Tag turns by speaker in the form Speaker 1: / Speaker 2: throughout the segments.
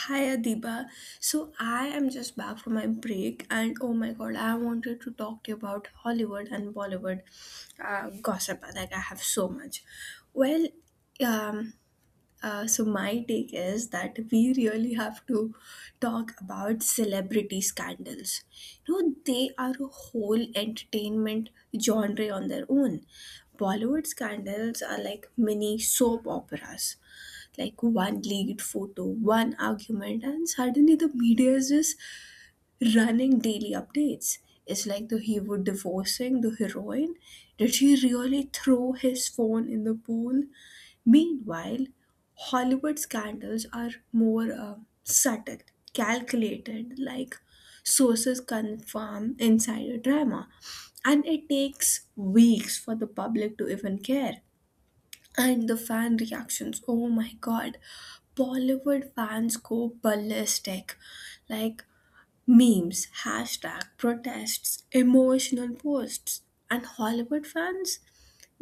Speaker 1: Hi Adiba. So I am just back from my break and oh my god, I wanted to talk to you about Hollywood and Bollywood gossip. Like I have so much. Well, um, so my take is that we really have to talk about celebrity scandals. You know, they are a whole entertainment genre on their own. Bollywood scandals are like mini soap operas, like one leaked photo, one argument, and suddenly the media is just running daily updates. It's like the hero divorcing the heroine. Did he really throw his phone in the pool? Meanwhile, Hollywood scandals are more subtle, calculated, like sources confirm insider drama. And it takes weeks for the public to even care. And the fan reactions, oh my god. Bollywood fans go ballistic. Like memes, hashtag, protests, emotional posts. And Hollywood fans?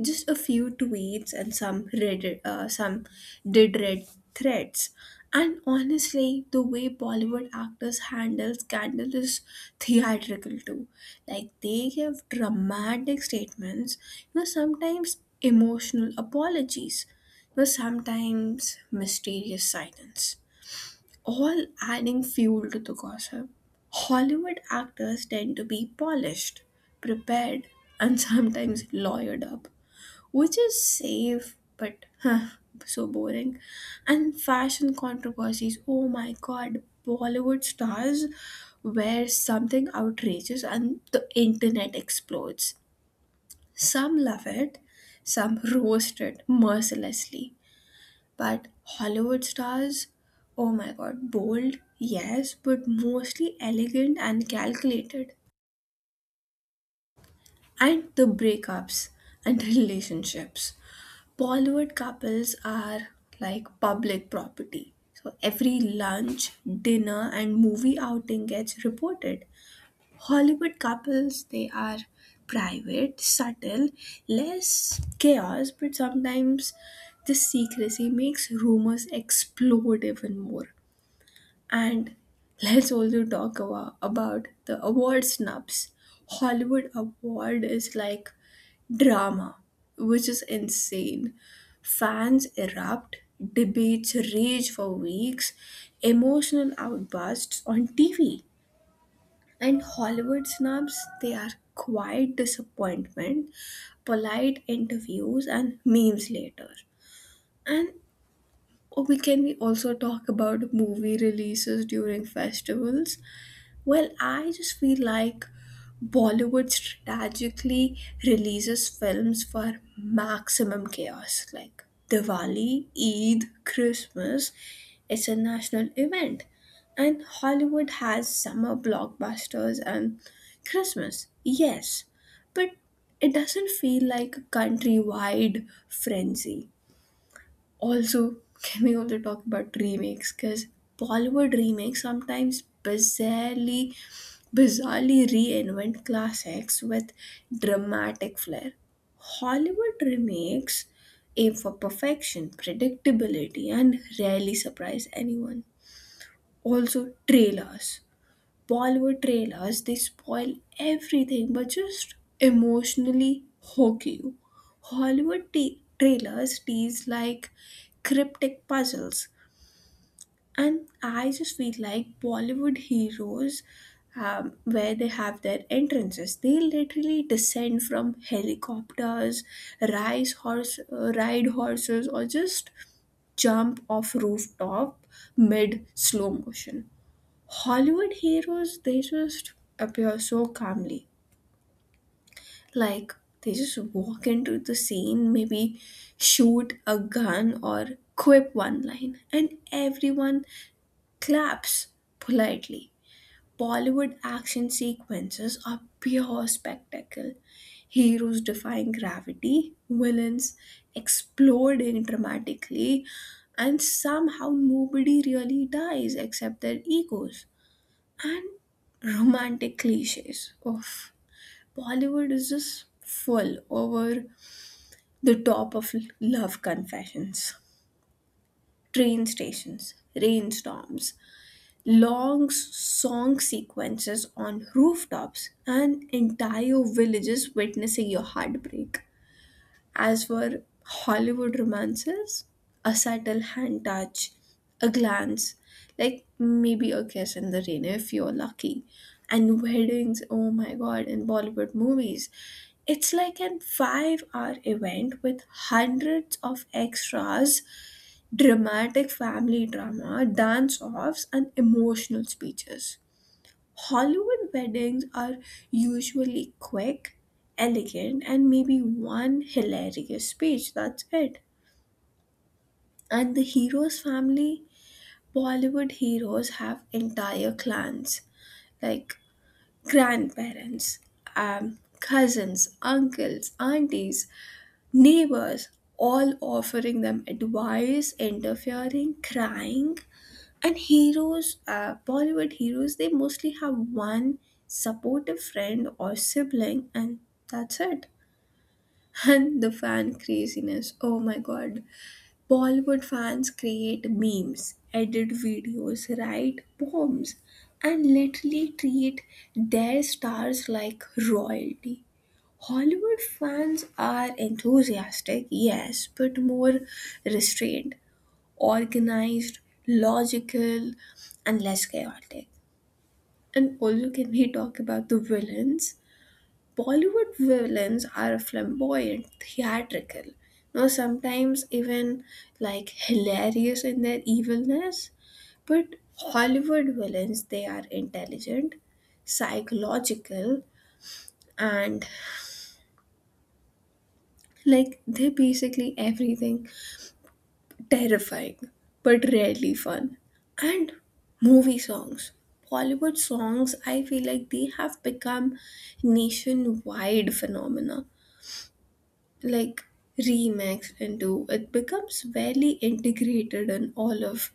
Speaker 1: Just a few tweets and some Reddit, some did read threads. And honestly, the way Bollywood actors handle scandal is theatrical too. Like they give dramatic statements, you know, sometimes emotional apologies, you know, sometimes mysterious silence, all adding fuel to the gossip. Hollywood actors tend to be polished, prepared, and sometimes lawyered up, which is safe but huh, so boring. And fashion controversies, oh my god, Bollywood stars wear something outrageous and the internet explodes. Some love it, some roast it mercilessly. But Hollywood stars, oh my god, bold, yes, but mostly elegant and calculated. And the breakups and relationships. Bollywood couples are like public property. So every lunch, dinner, and movie outing gets reported. Hollywood couples, they are private, subtle, less chaos, but sometimes this secrecy makes rumors explode even more. And let's also talk about the award snubs. Hollywood award is like drama, which is insane. Fans erupt, debates rage for weeks, emotional outbursts on TV. And Hollywood snubs, they are quiet disappointment, polite interviews, and memes later. And we can we also talk about movie releases during festivals? Well, I just feel like Bollywood strategically releases films for maximum chaos. Like Diwali, Eid, Christmas, it's a national event. And Hollywood has summer blockbusters and Christmas, yes. But it doesn't feel like a countrywide frenzy. Also, can we also talk about remakes? Because Bollywood remakes sometimes bizarrely reinvent classics with dramatic flair. Hollywood remakes aim for perfection, predictability, and rarely surprise anyone. Also, trailers. Bollywood trailers, they spoil everything but just emotionally hook you. Hollywood trailers tease like cryptic puzzles. And I just feel like Bollywood heroes, where they have their entrances, they literally descend from helicopters, ride horses, or just jump off rooftop mid slow motion. Hollywood heroes, they just appear so calmly. Like they just walk into the scene, maybe shoot a gun or quip one line, and everyone claps politely. Bollywood action sequences are pure spectacle. Heroes defying gravity, villains exploding dramatically, and somehow nobody really dies except their egos. And romantic cliches of Bollywood is just full over the top of love confessions, train stations, rainstorms, long song sequences on rooftops, and entire villages witnessing your heartbreak. As for Hollywood romances, a subtle hand touch, a glance, like maybe a kiss in the rain if you're lucky. And weddings, oh my god, in Bollywood movies, it's like an 5 hour event with hundreds of extras, dramatic family drama, dance offs, and emotional speeches. Hollywood weddings are usually quick, elegant, and maybe one hilarious speech. That's it. And the hero's family, Bollywood heroes have entire clans like grandparents, cousins, uncles, aunties, neighbors, all offering them advice, interfering, crying. And Bollywood heroes, they mostly have one supportive friend or sibling, and that's it. And the fan craziness. Oh my god. Bollywood fans create memes, edit videos, write poems, and literally treat their stars like royalty. Hollywood fans are enthusiastic, yes, but more restrained, organized, logical, and less chaotic. And also, can we talk about the villains? Bollywood villains are flamboyant, theatrical, you know, sometimes even like hilarious in their evilness. But Hollywood villains, they are intelligent, psychological, and like they're basically everything terrifying but rarely fun. And movie songs. Bollywood songs, I feel like they have become nationwide phenomena, like remixed into it becomes very integrated in all of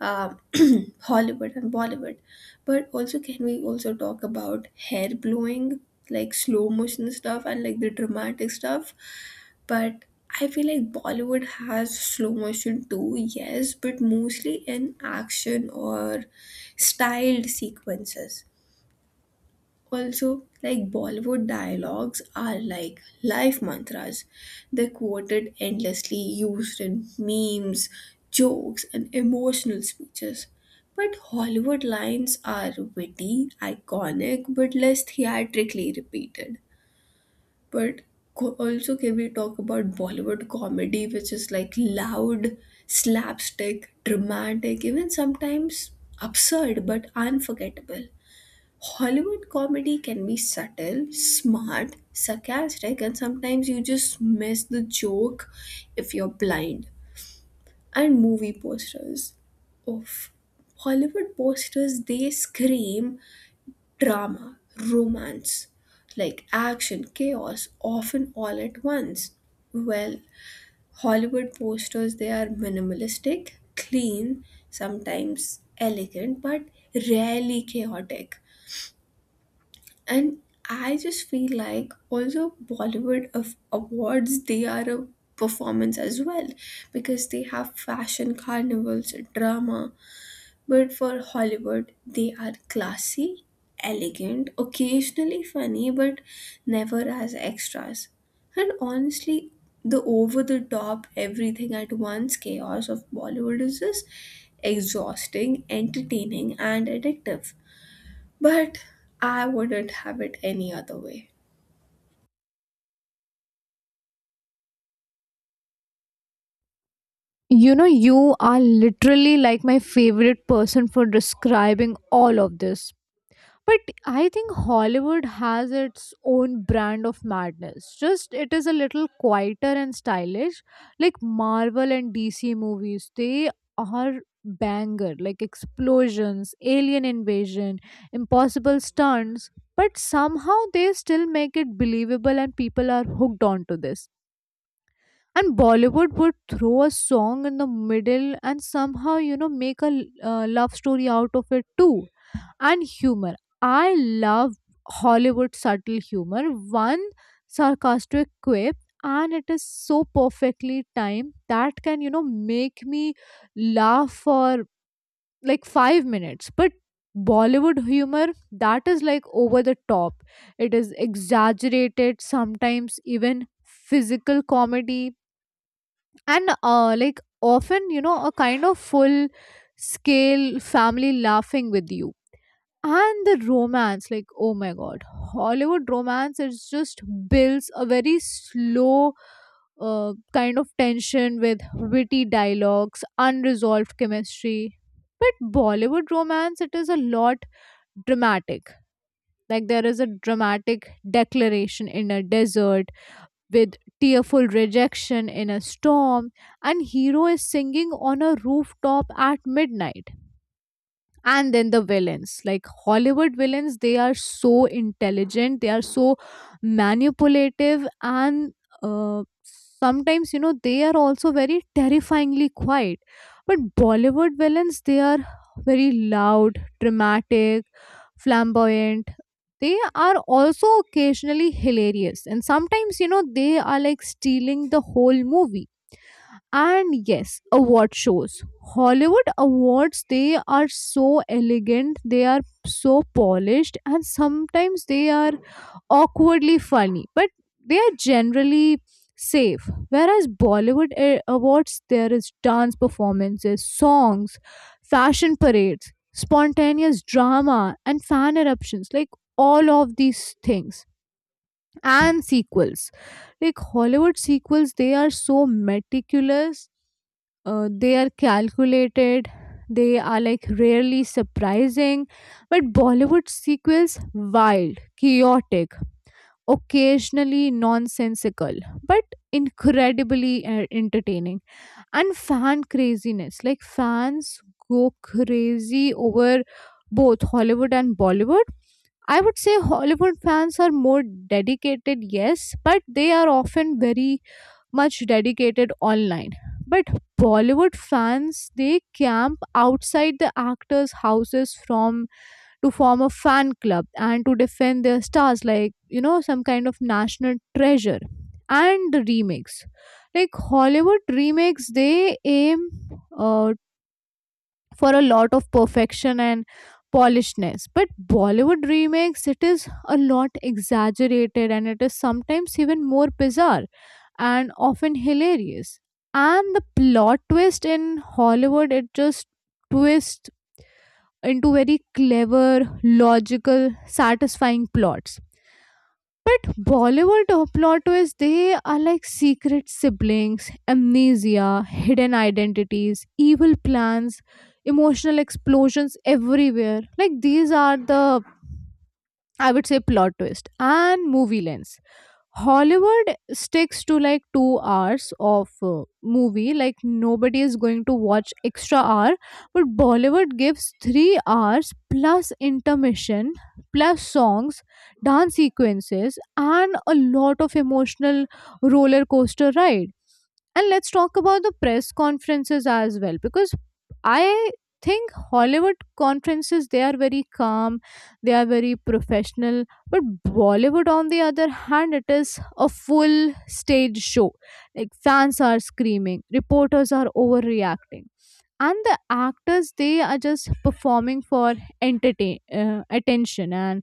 Speaker 1: uh, Hollywood and Bollywood. But also, can we also talk about hair blowing, like slow motion stuff and like the dramatic stuff? But I feel like Bollywood has slow motion too, yes, but mostly in action or styled sequences. Also, like Bollywood dialogues are like life mantras. They're quoted endlessly, used in memes, jokes, and emotional speeches. But Hollywood lines are witty, iconic, but less theatrically repeated. But also, can we talk about Bollywood comedy, which is like loud, slapstick, dramatic, even sometimes absurd but unforgettable? Hollywood comedy can be subtle, smart, sarcastic, and sometimes you just miss the joke if you're blind. And movie posters. Oof. Hollywood posters, they scream drama, romance, like action, chaos, often all at once. Well, Hollywood posters, they are minimalistic, clean, sometimes elegant, but rarely chaotic. And I just feel like also Bollywood of awards, they are a performance as well because they have fashion carnivals, drama, but for Hollywood they are classy, elegant, occasionally funny, but never as extras. And honestly, the over the top everything at once chaos of Bollywood is just exhausting, entertaining, and addictive, but I wouldn't have it any other way.
Speaker 2: You know, you are literally like my favorite person for describing all of this. But I think Hollywood has its own brand of madness. Just it is a little quieter and stylish. Like Marvel and DC movies, they are banger, like explosions, alien invasion, impossible stunts. But somehow they still make it believable and people are hooked onto this, and Bollywood would throw a song in the middle and somehow, you know, make a love story out of it too. And humor, I love Hollywood subtle humor. One sarcastic quip, and it is so perfectly timed that can, you know, make me laugh for like 5 minutes. But Bollywood humor, that is like over the top, it is exaggerated, sometimes even physical comedy, and like often, you know, a kind of full scale family laughing with you. And the romance, like, oh my god, Hollywood romance, it just builds a very slow kind of tension with witty dialogues, unresolved chemistry. But Bollywood romance, it is a lot dramatic. Like, there is a dramatic declaration in a desert with tearful rejection in a storm, and hero is singing on a rooftop at midnight. And then the villains, like Hollywood villains, they are so intelligent, they are so manipulative, and sometimes, you know, they are also very terrifyingly quiet. But Bollywood villains, they are very loud, dramatic, flamboyant. They are also occasionally hilarious, and sometimes, you know, they are like stealing the whole movie. And yes, award shows. Hollywood awards, they are so elegant, they are so polished, and sometimes they are awkwardly funny, but they are generally safe. Whereas Bollywood awards, there is dance performances, songs, fashion parades, spontaneous drama, and fan eruptions, like all of these things. And sequels. Like, Hollywood sequels, they are so meticulous, they are calculated, they are like rarely surprising. But Bollywood sequels, wild, chaotic, occasionally nonsensical, but incredibly entertaining. And fan craziness, like fans go crazy over both Hollywood and Bollywood. I would say Hollywood fans are more dedicated, yes, but they are often very much dedicated online. But Bollywood fans, they camp outside the actors' houses from to form a fan club and to defend their stars like, you know, some kind of national treasure. And the remakes, like Hollywood remakes, they aim uh, for a lot of perfection and polishedness. But Bollywood remakes, it is a lot exaggerated, and it is sometimes even more bizarre and often hilarious. And the plot twist in Hollywood, it just twists into very clever, logical, satisfying plots. Bollywood plot twists, they are like secret siblings, amnesia, hidden identities, evil plans, emotional explosions everywhere. Like, these are the, I would say, plot twist and movie lens. Hollywood sticks to like 2 hours of movie, like nobody is going to watch extra hour. But Bollywood gives 3 hours plus intermission, plus songs, dance sequences, and a lot of emotional roller coaster ride. And let's talk about the press conferences as well, because I think Hollywood conferences, they are very calm, they are very professional. But Bollywood, on the other hand, it is a full stage show. Like, fans are screaming, reporters are overreacting, and the actors, they are just performing for entertain attention, and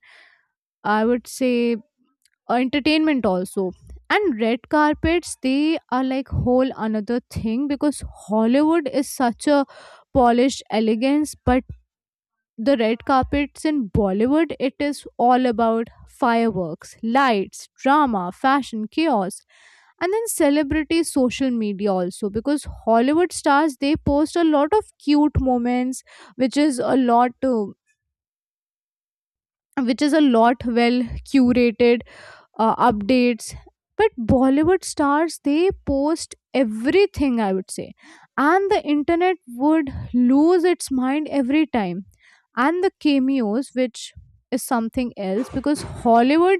Speaker 2: I would say entertainment also. And red carpets, they are like whole another thing, because Hollywood is such a polished elegance. But the red carpets in Bollywood, it is all about fireworks, lights, drama, fashion, chaos. And then celebrity social media also, because Hollywood stars, they post a lot of cute moments, which is a lot. Which is a lot, well curated updates. But Bollywood stars, they post everything, I would say, and the internet would lose its mind every time. And the cameos, which is something else, because Hollywood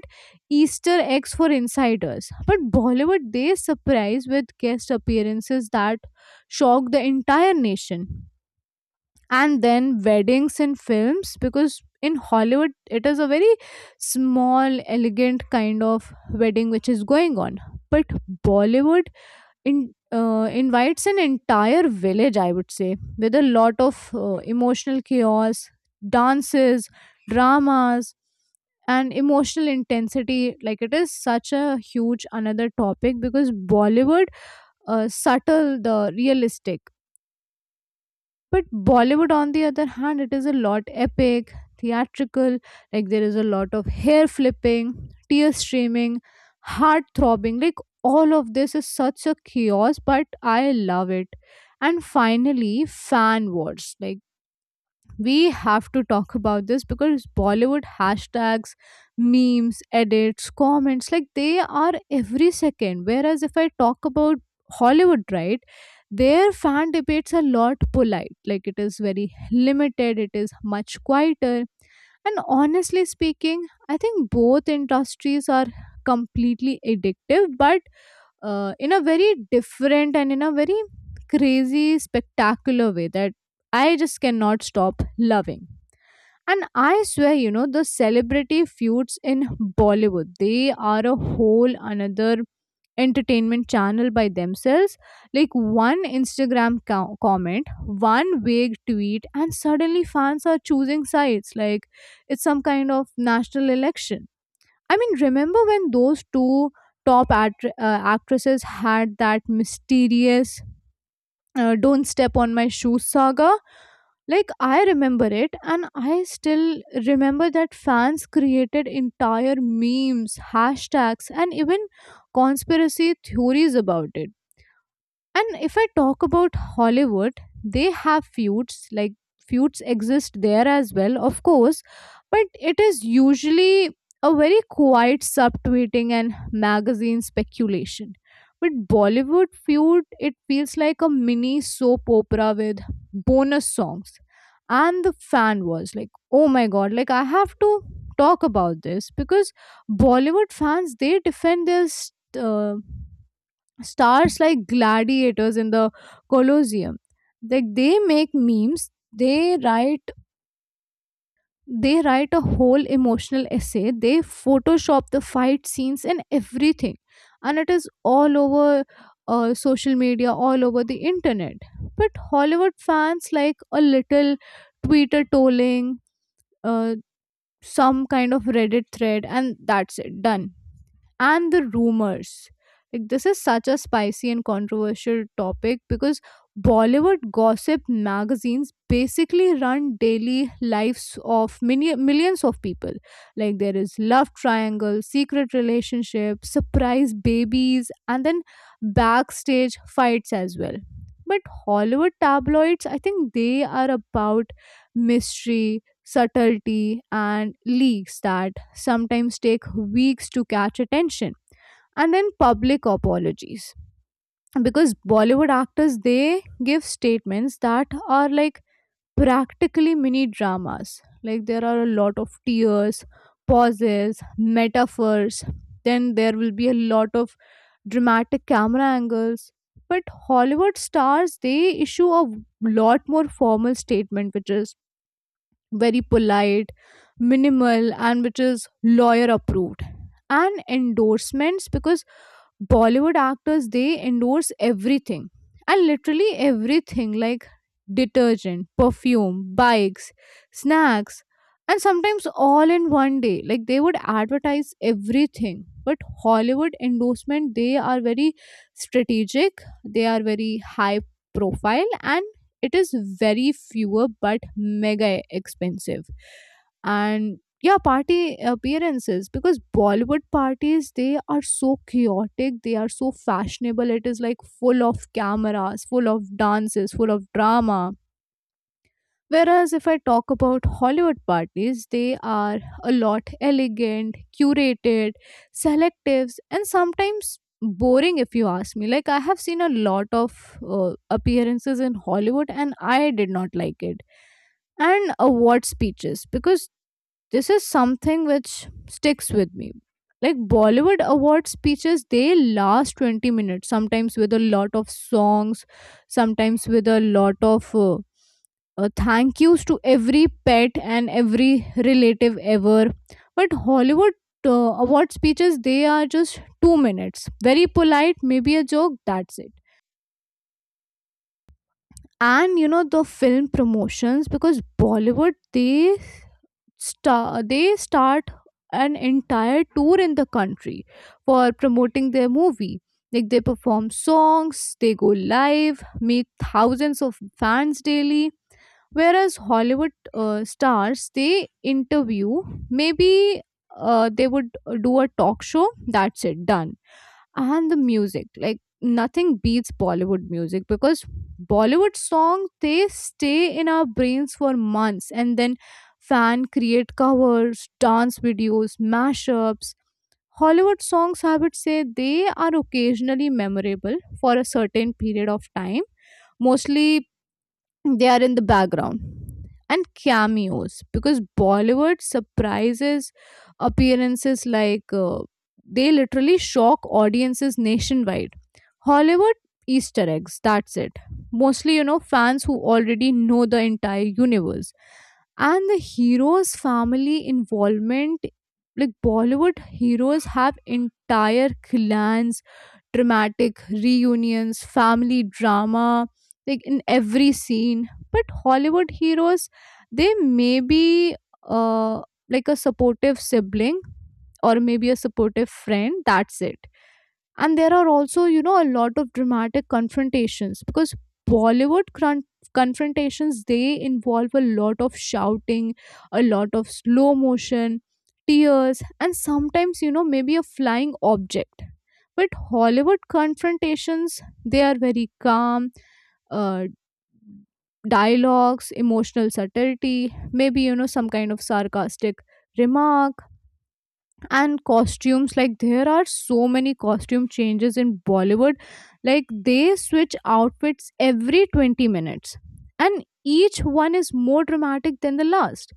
Speaker 2: Easter eggs for insiders, but Bollywood, they surprise with guest appearances that shock the entire nation. And then weddings in films, because in Hollywood it is a very small elegant kind of wedding which is going on. But Bollywood in invites an entire village, I would say, with a lot of emotional chaos, dances, dramas, and emotional intensity. Like, it is such a huge another topic, because Bollywood subtle the realistic. But Bollywood, on the other hand, it is a lot epic, theatrical, like there is a lot of hair flipping, tear streaming, heart throbbing. Like, all of this is such a chaos, but I love it. And finally, fan wars. Like, we have to talk about this, because Bollywood hashtags, memes, edits, comments, like they are every second. Whereas if I talk about Hollywood, right, their fan debates are a lot polite, like it is very limited, it is much quieter. And honestly speaking, I think both industries are completely addictive, but in a very different and in a very crazy, spectacular way that I just cannot stop loving. And I swear, you know, the celebrity feuds in Bollywood, they are a whole another entertainment channel by themselves. Like, one Instagram comment, one vague tweet, and suddenly fans are choosing sides like it's some kind of national election. I mean, remember when those two actresses had that mysterious "Don't Step on My Shoes" saga? Like, I remember it, and I still remember that fans created entire memes, hashtags, and even conspiracy theories about it. And if I talk about Hollywood, they have feuds, like feuds exist there as well, of course, but it is usually a very quiet subtweeting and magazine speculation. With Bollywood feud, it feels like a mini soap opera with bonus songs. And the fan was like, oh my god, like I have to talk about this, because Bollywood fans, they defend their uh, stars like gladiators in the colosseum. Like, they make memes, they write they write a whole emotional essay, they photoshop the fight scenes and everything, and it is all over social media, all over the internet. But Hollywood fans, like a little Twitter trolling, uh, some kind of Reddit thread, and that's it, done. And the rumors. Like, this is such a spicy and controversial topic, because Bollywood gossip magazines basically run daily lives of many millions of people. Like, there is love triangle, secret relationship, surprise babies, and then backstage fights as well. But Hollywood tabloids, I think they are about mystery, subtlety, and leaks that sometimes take weeks to catch attention. And then public apologies. Because Bollywood actors, they give statements that are like practically mini dramas. Like, there are a lot of tears, pauses, metaphors. Then there will be a lot of dramatic camera angles. But Hollywood stars, they issue a lot more formal statement, which is very polite, minimal, and which is lawyer approved. And endorsements, because Bollywood actors, they endorse everything and literally everything, like detergent, perfume, bikes, snacks, and sometimes all in one day. Like, they would advertise everything. But Hollywood endorsement, they are very strategic, they are very high profile, and it is very fewer but mega expensive. And yeah, party appearances, because Bollywood parties, they are so chaotic, they are so fashionable, it is like full of cameras, full of dances, full of drama. Whereas if I talk about Hollywood parties, they are a lot elegant, curated, selectives, and sometimes boring if you ask me. Like, I have seen a lot of appearances in Hollywood, and I did not like it. And award speeches, because this is something which sticks with me. Like, Bollywood award speeches, they last 20 minutes sometimes, with a lot of songs, sometimes with a lot of thank yous to every pet and every relative ever. But Hollywood uh, award speeches, they are just 2 minutes, very polite, maybe a joke, that's it. And you know, the film promotions, because Bollywood, they they start an entire tour in the country for promoting their movie. Like, they perform songs, they go live, meet thousands of fans daily. Whereas Hollywood stars, they interview maybe, they would do a talk show, that's it, done. And the music, like nothing beats Bollywood music, because Bollywood songs, they stay in our brains for months, and then fan create covers, dance videos, mashups. Hollywood songs, I would say, they are occasionally memorable for a certain period of time, mostly they are in the background. And cameos, because Bollywood surprises appearances, like they literally shock audiences nationwide. Hollywood Easter eggs, that's it. Mostly, you know, fans who already know the entire universe. And the hero's family involvement, like Bollywood heroes have entire clans, dramatic reunions, family drama, like in every scene. But Hollywood heroes, they may be uh, like a supportive sibling or maybe a supportive friend, that's it. And there are also, you know, a lot of dramatic confrontations, because Bollywood confrontations, they involve a lot of shouting, a lot of slow motion, tears, and sometimes, you know, maybe a flying object. But Hollywood confrontations, they are very calm, uh, dialogues, emotional subtlety, maybe, you know, some kind of sarcastic remark. And costumes, like there are so many costume changes in Bollywood, like they switch outfits every 20 minutes, and each one is more dramatic than the last.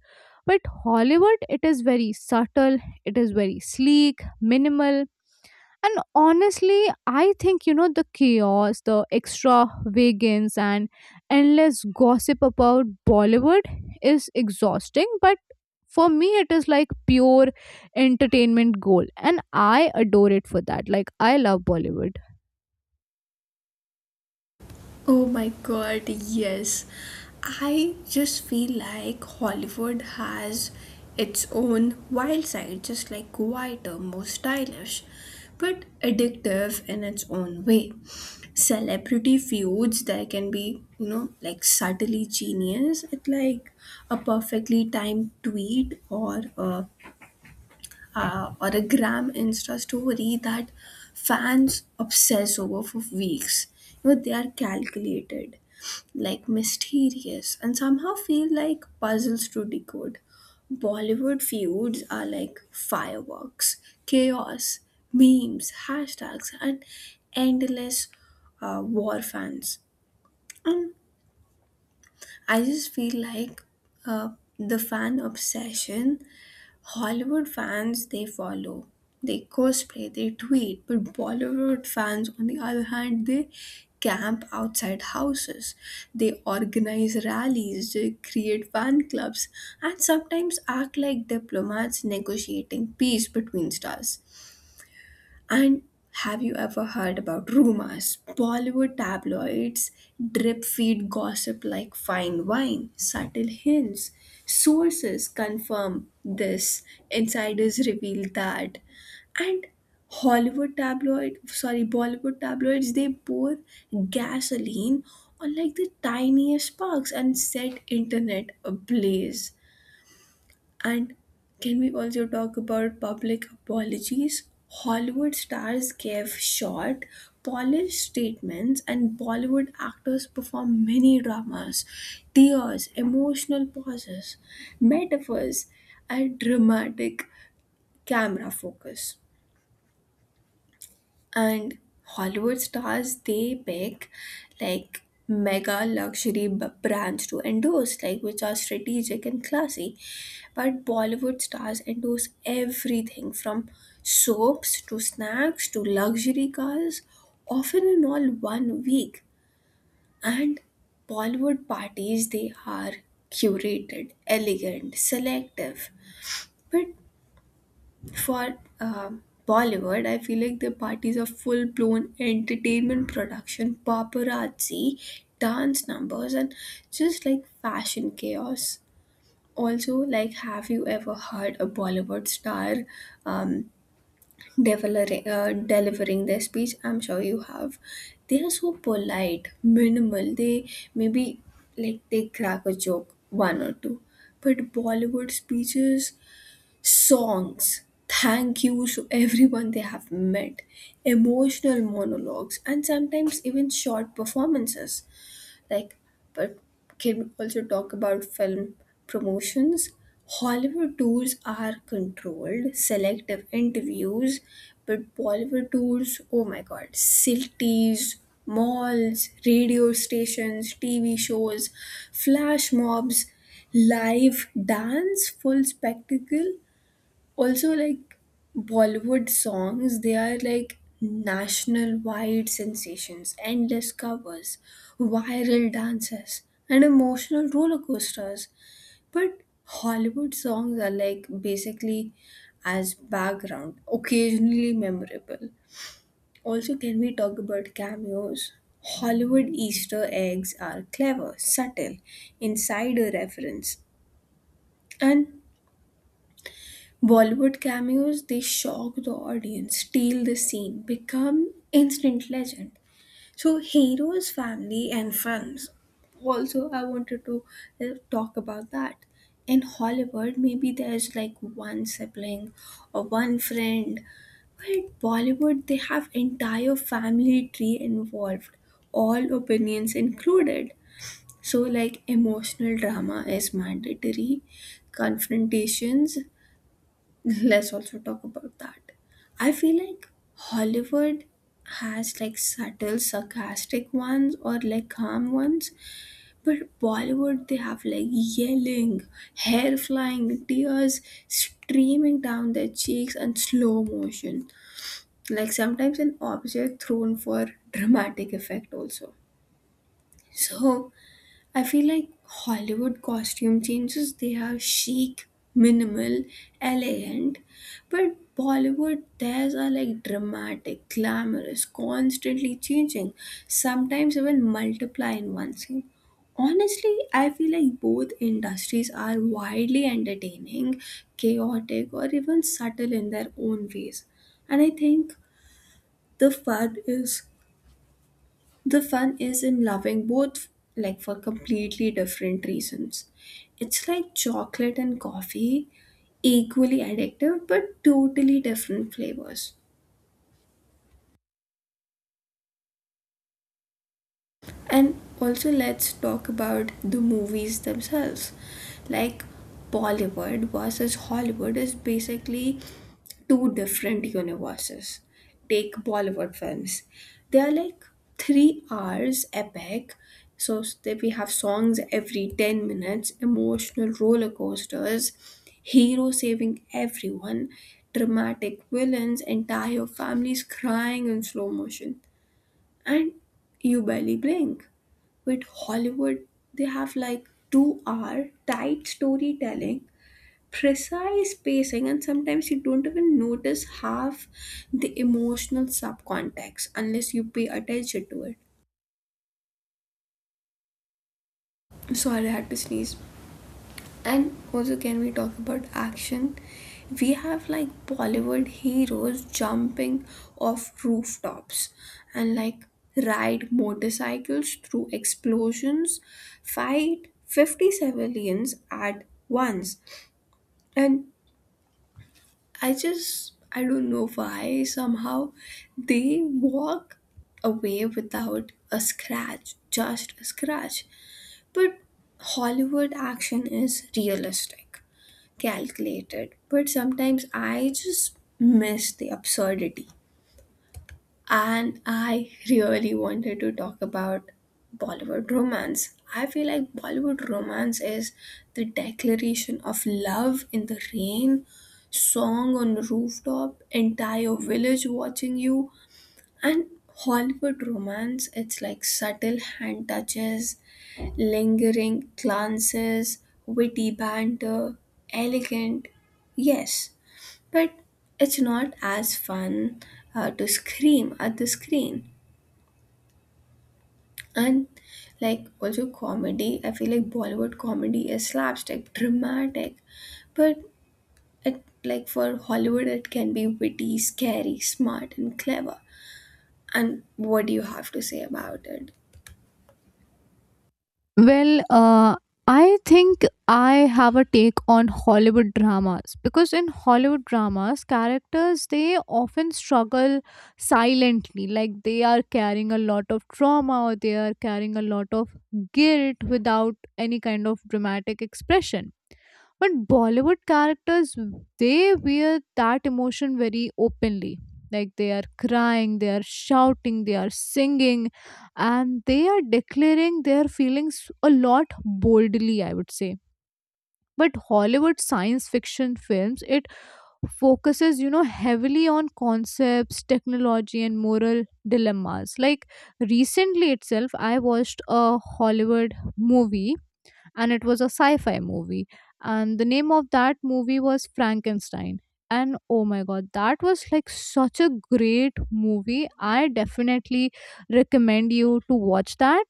Speaker 2: But Hollywood, it is very subtle, it is very sleek, minimal. And honestly, I think, you know, the chaos, the extravagance, and endless gossip about Bollywood is exhausting. But for me, it is like pure entertainment gold. And I adore it for that. Like, I love Bollywood.
Speaker 1: Oh my god, yes. I just feel like Hollywood has its own wild side, just like quieter, more stylish, but addictive in its own way. Celebrity feuds that can be, you know, like subtly genius, it like a perfectly timed tweet or a gram insta story that fans obsess over for weeks. You know, they are calculated, like mysterious, and somehow feel like puzzles to decode. Bollywood feuds are like fireworks, chaos, memes, hashtags, and endless war fans. And I just feel like uh, the fan obsession, Hollywood fans, they follow, they cosplay, they tweet, but Bollywood fans, on the other hand, they camp outside houses, they organize rallies, they create fan clubs, and sometimes act like diplomats negotiating peace between stars. And have you ever heard about rumors? Bollywood tabloids drip feed gossip like fine wine, subtle hints. Sources confirm this, insiders reveal that. And Hollywood tabloid, sorry, Bollywood tabloids, they pour gasoline on like the tiniest sparks and set internet ablaze. And can we also talk about public apologies? Hollywood stars gave short, polished statements, and Bollywood actors perform mini dramas, tears, emotional pauses, metaphors, and dramatic camera focus. And Hollywood stars, they pick like mega luxury brands to endorse, like which are strategic and classy. But Bollywood stars endorse everything from soaps to snacks to luxury cars, often in all one week. And Bollywood parties, they are curated, elegant, selective. But for Bollywood, I feel like the parties are full blown entertainment production, paparazzi, dance numbers, and just like fashion chaos. Also, like, have you ever heard a Bollywood star um, delivering their speech? I'm sure you have. They are so polite, minimal. They maybe, like, they crack a joke one or two. But Bollywood speeches, songs, thank yous to everyone they have met, emotional monologues, and sometimes even short performances, like. But can we also talk about film promotions? Hollywood tours are controlled, selective interviews. But Bollywood tours, oh my god, cities, malls, radio stations, TV shows, flash mobs, live dance, full spectacle. Also, like, Bollywood songs, they are like national wide sensations, endless covers, viral dances, and emotional roller coasters. But Hollywood songs are like basically as background, occasionally memorable. Also, can we talk about cameos? Hollywood easter eggs are clever, subtle, insider reference. And Bollywood cameos, they shock the audience, steal the scene, become instant legend. So, heroes, family, and friends. Also, I wanted to talk about that. In Hollywood, maybe there's like one sibling or one friend. But Bollywood, they have entire family tree involved, all opinions included. So, like, emotional drama is mandatory, confrontations. Let's also talk about that. I feel like Hollywood has like subtle sarcastic ones or like calm ones, but Bollywood, they have like yelling, hair flying, tears streaming down their cheeks and slow motion. Like sometimes an object thrown for dramatic effect also. So I feel like Hollywood costume changes, they are chic, minimal, elegant, but Bollywood, theirs are like dramatic, glamorous, constantly changing, sometimes even multiply in one scene. Honestly, I feel like both industries are wildly entertaining, chaotic, or even subtle in their own ways. And I think the fun is the fun is in loving both, like for completely different reasons. It's like chocolate and coffee, equally addictive but totally different flavors. And also, let's talk about the movies themselves. Like, Bollywood versus Hollywood is basically two different universes. Take Bollywood films, they are like 3 hours epic. So, that we have songs every 10 minutes, emotional roller coasters, hero saving everyone, dramatic villains, entire families crying in slow motion, and you barely blink. With Hollywood, they have like 2 hour tight storytelling, precise pacing, and sometimes you don't even notice half the emotional subcontext unless you pay attention to it. Sorry, I had to sneeze. And also, can we talk about action? We have like Bollywood heroes jumping off rooftops and like ride motorcycles through explosions, fight 50 civilians at once. And I just, I don't know why, somehow they walk away without a scratch, just a scratch. But Hollywood action is realistic, calculated, but sometimes I just miss the absurdity. And I really wanted to talk about Bollywood romance. I feel like Bollywood romance is the declaration of love in the rain, song on rooftop, entire village watching you, and Hollywood romance, it's like subtle hand touches, lingering glances, witty banter, elegant. Yes, but it's not as fun to scream at the screen. And like also comedy, I feel like Bollywood comedy is slapstick, dramatic. But it like for Hollywood it can be witty, scary, smart and clever. And what do you have to say about it?
Speaker 2: Well, I think I have a take on Hollywood dramas, because in Hollywood dramas, characters, they often struggle silently, like they are carrying a lot of trauma or they are carrying a lot of guilt without any kind of dramatic expression. But Bollywood characters, they wear that emotion very openly, like they are crying, they are shouting, they are singing, and they are declaring their feelings a lot boldly, I would say. But Hollywood science fiction films, it focuses, you know, heavily on concepts, technology, and moral dilemmas. Like, recently itself, I watched a Hollywood movie, and it was a sci-fi movie, and the name of that movie was Frankenstein. And oh my god, that was like such a great movie, I definitely recommend you to watch that.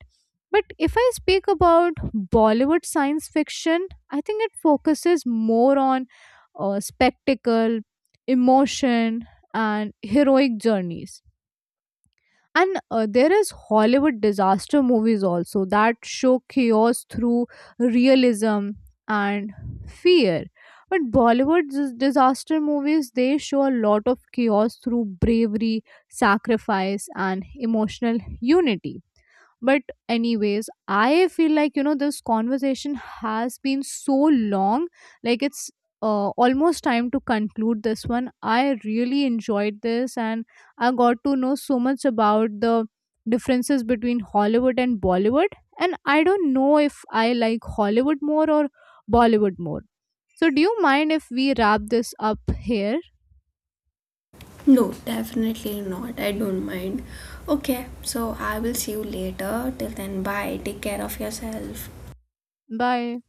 Speaker 2: But if I speak about Bollywood science fiction, I think it focuses more on spectacle, emotion, and heroic journeys. And there is Hollywood disaster movies also that show chaos through realism and fear. But Bollywood disaster movies, they show a lot of chaos through bravery, sacrifice, and emotional unity. But, anyways, I feel like, you know, this conversation has been so long. Like, it's almost time to conclude this one. I really enjoyed this, and I got to know so much about the differences between Hollywood and Bollywood. And I don't know if I like Hollywood more or Bollywood more. So, do you mind if we wrap this up here?
Speaker 1: No, definitely not. I don't mind. Okay, so I will see you later. Till then, bye. Take care of yourself.
Speaker 2: Bye.